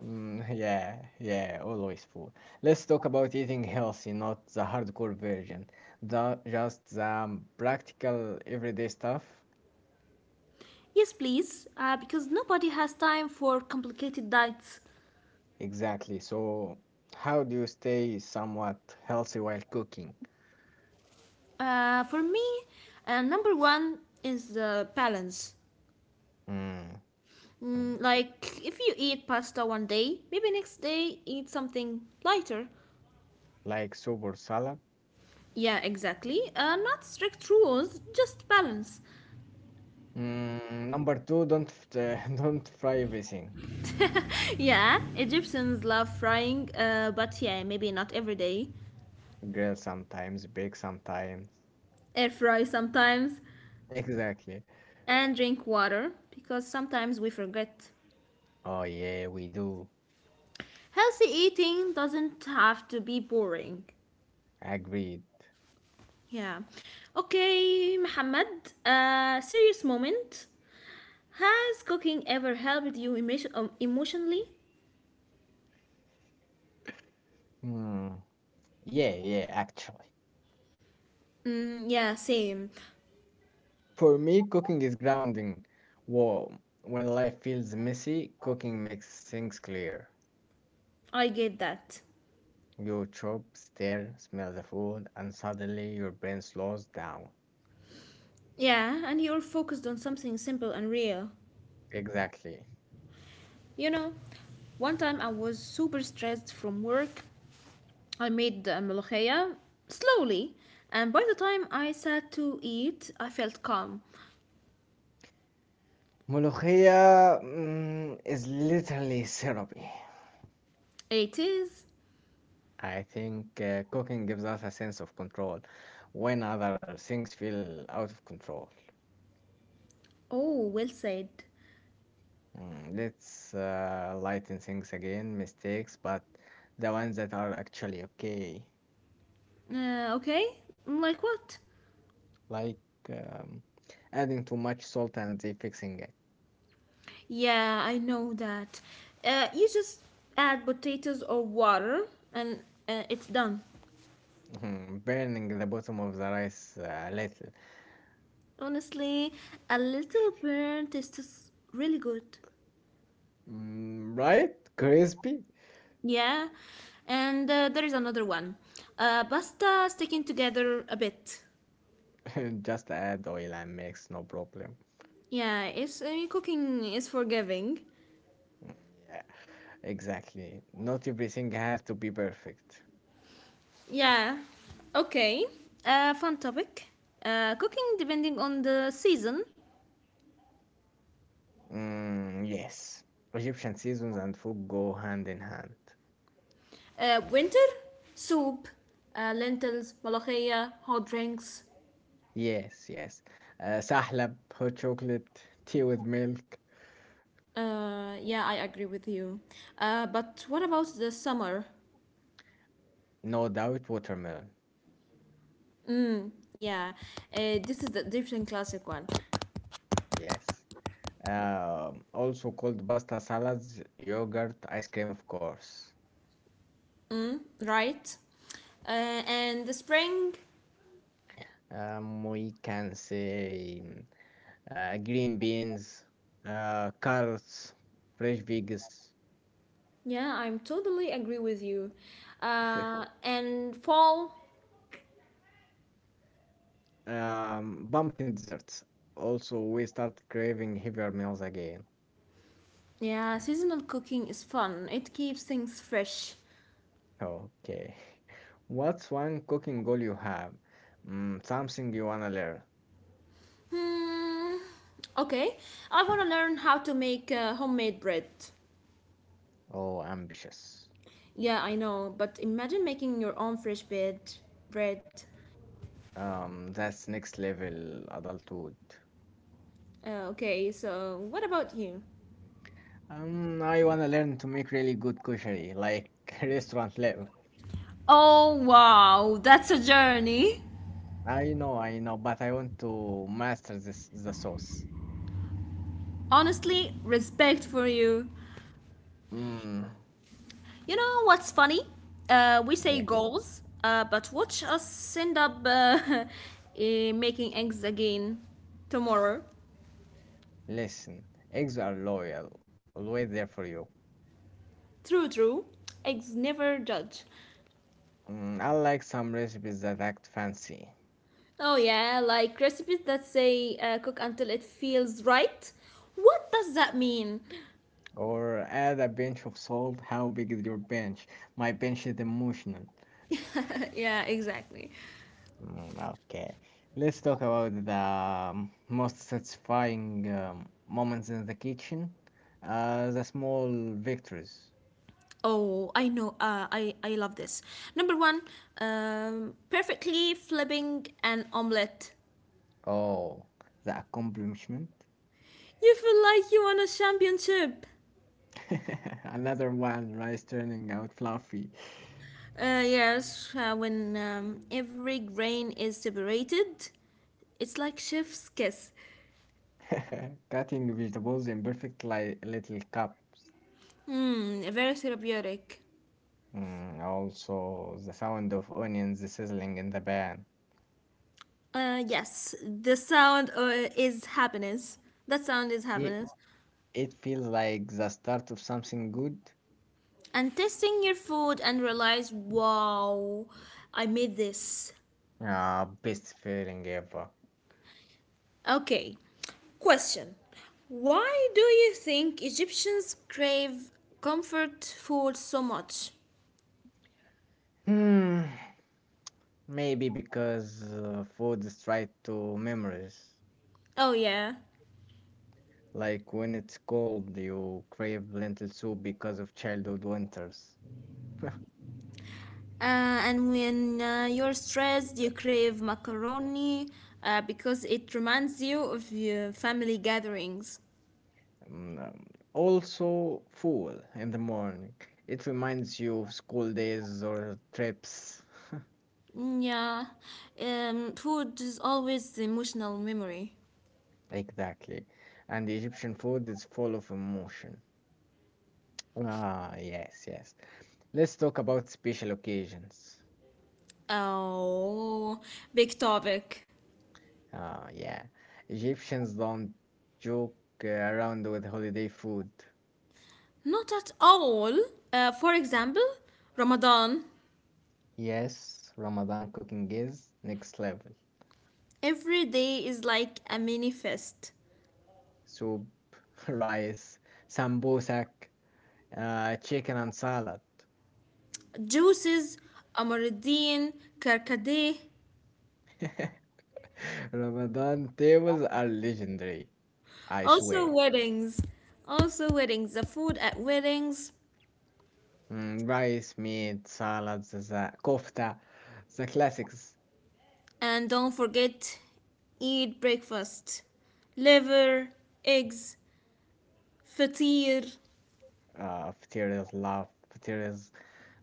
Speaker 1: Mm, yeah, yeah, always food. Let's talk about eating healthy, not the hardcore version, the just the practical everyday stuff.
Speaker 2: Yes, please, because nobody has time for complicated diets.
Speaker 1: Exactly. So, how do you stay somewhat healthy while cooking?
Speaker 2: For me, number one is the balance.
Speaker 1: Mm, mm,
Speaker 2: Mm, like, if you eat pasta one day, maybe next day eat something lighter.
Speaker 1: like soup or salad?
Speaker 2: Yeah, exactly. Not strict rules, just balance.
Speaker 1: Mm, number two, don't f- don't fry everything.
Speaker 2: Yeah, Egyptians love frying, but yeah, maybe not every day.
Speaker 1: Grill sometimes, bake sometimes.
Speaker 2: Air fry sometimes.
Speaker 1: Exactly.
Speaker 2: And drink water because sometimes we forget.
Speaker 1: Oh yeah, we do.
Speaker 2: Healthy eating doesn't have to be boring.
Speaker 1: Agreed.
Speaker 2: Yeah. Okay, Mohammed, serious moment. Has cooking ever helped you emotionally?
Speaker 1: Mm, yeah, yeah, actually.
Speaker 2: Mm, yeah, same.
Speaker 1: For me, cooking is grounding. Wow. When life feels messy, cooking makes things clear.
Speaker 2: I get that.
Speaker 1: You chop, stir, smell the food, and suddenly your brain slows down.
Speaker 2: Yeah, and you're focused on something simple and real.
Speaker 1: Exactly.
Speaker 2: You know, one time I was super stressed from work. I made the molokhaya slowly, and by the time I sat to eat, I felt calm.
Speaker 1: Molokhia mm, is literally therapy.
Speaker 2: It is.
Speaker 1: I think cooking gives us a sense of control when other things feel out of control.
Speaker 2: Oh, well said.
Speaker 1: Mm, let's lighten things again, mistakes, but the ones that are actually okay.
Speaker 2: Okay, like what?
Speaker 1: Like um, adding too much salt and the fixing it,
Speaker 2: Yeah, I know that. You just add potatoes or water, and it's done.
Speaker 1: mhm, burning the bottom of the rice a little.
Speaker 2: Honestly, a little burn tastes really good.
Speaker 1: Mm, right? Crispy?
Speaker 2: Yeah, and there is another one. Pasta sticking together a bit.
Speaker 1: Just add oil and mix, no problem.
Speaker 2: Yeah, it's I mean, cooking is forgiving.
Speaker 1: Mm, yeah, exactly. Not everything has to be perfect.
Speaker 2: Yeah. Okay. Fun topic. Cooking depending on the season.
Speaker 1: Mm, yes. Egyptian seasons and food go hand in hand.
Speaker 2: Winter, soup, lentils, malakhiya, hot drinks.
Speaker 1: Yes, yes. Sahlab, hot chocolate, tea with milk,
Speaker 2: Yeah, I agree with you. But what about the summer?
Speaker 1: no doubt, watermelon.
Speaker 2: Mm, yeah. This is the different classic one.
Speaker 1: Yes. Also called pasta salads, yogurt, ice cream, of course.
Speaker 2: Mm, right. Uh, and the spring.
Speaker 1: We can say mm, green beans, carrots, fresh veggies,
Speaker 2: Yeah, I'm totally agree with you. And fall.
Speaker 1: pumpkin desserts. Also, we start craving heavier meals again.
Speaker 2: Yeah, seasonal cooking is fun. It keeps things fresh.
Speaker 1: Okay. What's one cooking goal you have? Mm, something you wanna learn.
Speaker 2: Hmm. Okay, I want to learn how to make homemade bread.
Speaker 1: Oh, ambitious.
Speaker 2: Yeah, I know, but imagine making your own fresh bread. Bread.
Speaker 1: That's next level adulthood.
Speaker 2: Okay, so what about you?
Speaker 1: I wanna learn to make really good kushari, like restaurant level.
Speaker 2: Oh, wow, that's a journey.
Speaker 1: I know, but I want to master this the sauce.
Speaker 2: Honestly, respect for you.
Speaker 1: Mm,
Speaker 2: You know what's funny? We say
Speaker 1: yeah.
Speaker 2: goals, but watch us end up eh, making eggs again tomorrow.
Speaker 1: Listen, eggs are loyal, always there for you.
Speaker 2: True, true. Eggs never judge.
Speaker 1: Mm, I like some recipes that act fancy.
Speaker 2: Oh, yeah, like recipes that say cook until it feels right. What does that mean?
Speaker 1: Or add a pinch of salt. How big is your bench? My bench is emotional.
Speaker 2: Yeah, exactly.
Speaker 1: Mm, okay, let's talk about the most satisfying moments in the kitchen. The small victories.
Speaker 2: Oh, I know. I love this. Number one, perfectly flipping an omelette.
Speaker 1: Oh, the accomplishment.
Speaker 2: You feel like you won a championship.
Speaker 1: Another one, rice turning out fluffy.
Speaker 2: Yes, when every grain is separated, it's like chef's kiss.
Speaker 1: Cutting vegetables in perfect li little cups.
Speaker 2: Hmm, very therapeutic.
Speaker 1: Mm, also, the sound of onions sizzling in the pan.
Speaker 2: Yes, the sound is happiness. That sound is
Speaker 1: It,
Speaker 2: happiness.
Speaker 1: it feels like the start of something good.
Speaker 2: And tasting your food and realize, wow, I made this.
Speaker 1: Ah, best feeling ever.
Speaker 2: Okay, question. Why do you think Egyptians crave comfort food so much?
Speaker 1: Hmm. Maybe because food is tied to memories.
Speaker 2: Oh, yeah.
Speaker 1: Like when it's cold, you crave lentil soup because of childhood winters.
Speaker 2: And when you're stressed, you crave macaroni because it reminds you of your family gatherings.
Speaker 1: Mm, um, Also, food in the morning. It reminds you of school days or trips.
Speaker 2: Mm, yeah, food is always the emotional memory.
Speaker 1: Exactly. And Egyptian food is full of emotion. Ah, yes, yes. Let's talk about special occasions.
Speaker 2: Oh, big topic.
Speaker 1: Ah, yeah. Egyptians don't joke around with holiday food.
Speaker 2: Not at all. For example, Ramadan.
Speaker 1: Yes, Ramadan cooking is next level.
Speaker 2: Every day is like a mini fest.
Speaker 1: Soup, rice, sambosak, chicken and salad.
Speaker 2: Juices, amaradine, karkade.
Speaker 1: Ramadan tables are legendary, I
Speaker 2: Also
Speaker 1: swear.
Speaker 2: weddings. Also weddings. The food at weddings.
Speaker 1: Mm, rice, meat, salads, the kofta, the classics.
Speaker 2: And don't forget, eat breakfast. Liver, eggs, fatir.
Speaker 1: Fateria's love, Fateria's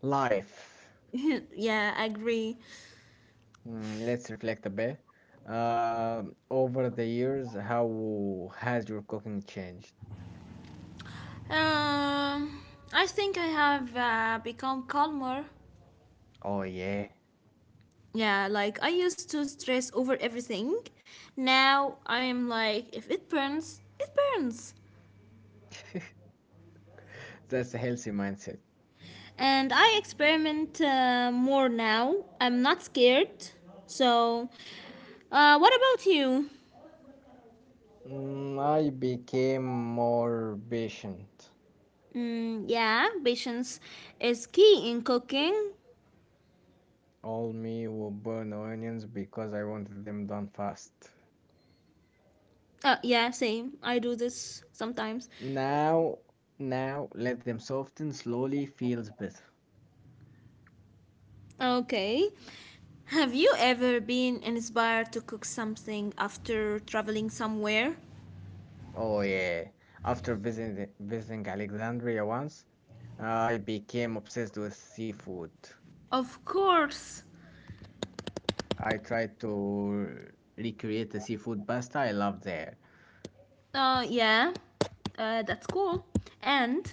Speaker 1: life.
Speaker 2: Yeah, I agree.
Speaker 1: Mm, let's reflect a bit. Uh, Over the years, how has your cooking changed?
Speaker 2: Um, I think I have become calmer.
Speaker 1: Oh yeah,
Speaker 2: Yeah, like I used to stress over everything. Now I am like, if it burns, it burns.
Speaker 1: that's a healthy mindset.
Speaker 2: And I experiment more now. I'm not scared. So, what about you?
Speaker 1: Mm, I became more patient.
Speaker 2: Mm, yeah, patience is key in cooking.
Speaker 1: All me will burn onions because I wanted them done fast.
Speaker 2: Yeah, same. I do this sometimes.
Speaker 1: Now, now let them soften slowly feels better.
Speaker 2: Okay. Have you ever been inspired to cook something after traveling somewhere?
Speaker 1: Oh yeah. After visiting Alexandria once, I became obsessed with seafood.
Speaker 2: Of course.
Speaker 1: I tried to recreate the seafood pasta I loved there.
Speaker 2: Yeah. That's cool. And,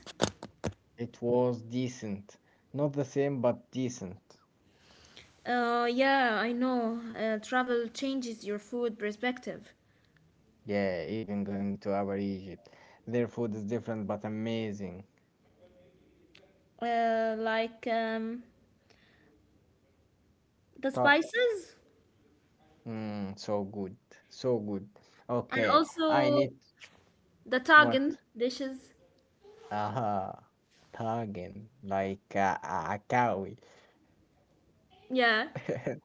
Speaker 1: It was decent. Not the same, but decent.
Speaker 2: yeah, I know. Travel changes your food perspective.
Speaker 1: Yeah, even going to our Egypt. Their food is different but amazing.
Speaker 2: Like the
Speaker 1: Ta-
Speaker 2: spices
Speaker 1: mm, so good. So good.
Speaker 2: and
Speaker 1: Okay, I
Speaker 2: also
Speaker 1: need
Speaker 2: the Tagan
Speaker 1: what?
Speaker 2: dishes.
Speaker 1: Aha, tagen, like a cow.
Speaker 2: Yeah,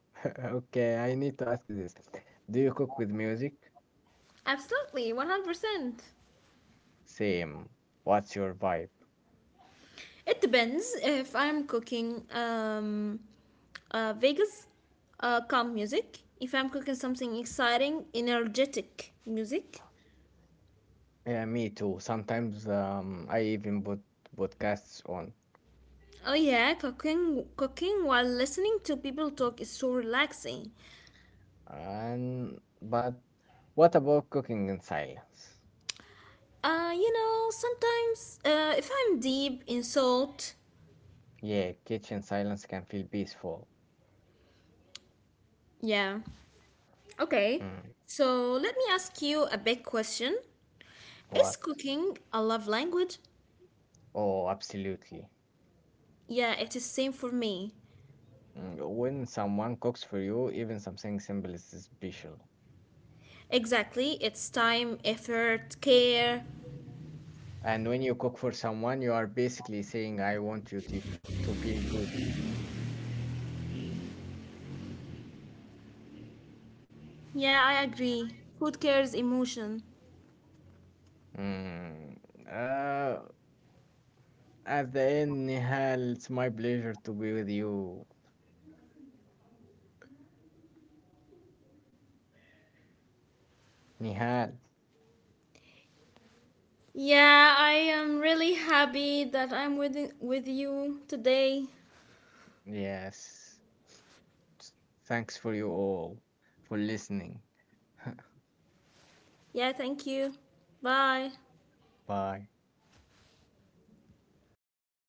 Speaker 1: Okay, I need to ask this. Do you cook with music?
Speaker 2: absolutely, 100%.
Speaker 1: Same. What's your vibe?
Speaker 2: It depends if I'm cooking. Vegas, calm music. If I'm cooking something exciting, energetic music.
Speaker 1: Yeah, me too. Sometimes I even put podcasts on.
Speaker 2: Oh yeah, cooking while listening to people talk is so relaxing.
Speaker 1: And but what about cooking in silence?
Speaker 2: You know, sometimes if I'm deep in thought,
Speaker 1: Yeah, kitchen silence can feel peaceful.
Speaker 2: yeah. Okay.
Speaker 1: Mm,
Speaker 2: So let me ask you a big question. Is
Speaker 1: what?
Speaker 2: cooking a love language?
Speaker 1: Oh, absolutely.
Speaker 2: Yeah, it is same for me.
Speaker 1: Mm, when someone cooks for you, even something simple is special.
Speaker 2: Exactly. It's time, effort, care.
Speaker 1: And when you cook for someone, you are basically saying, I want you to, to feel good.
Speaker 2: Yeah, I agree. Food cares emotion.
Speaker 1: Mm, uh, at the end, Nihal, it's my pleasure to be with you. Nihal,
Speaker 2: Yeah, I am really happy that I'm with you today.
Speaker 1: yes. Thanks for you all, for listening.
Speaker 2: Yeah, thank you. Bye.
Speaker 1: Bye.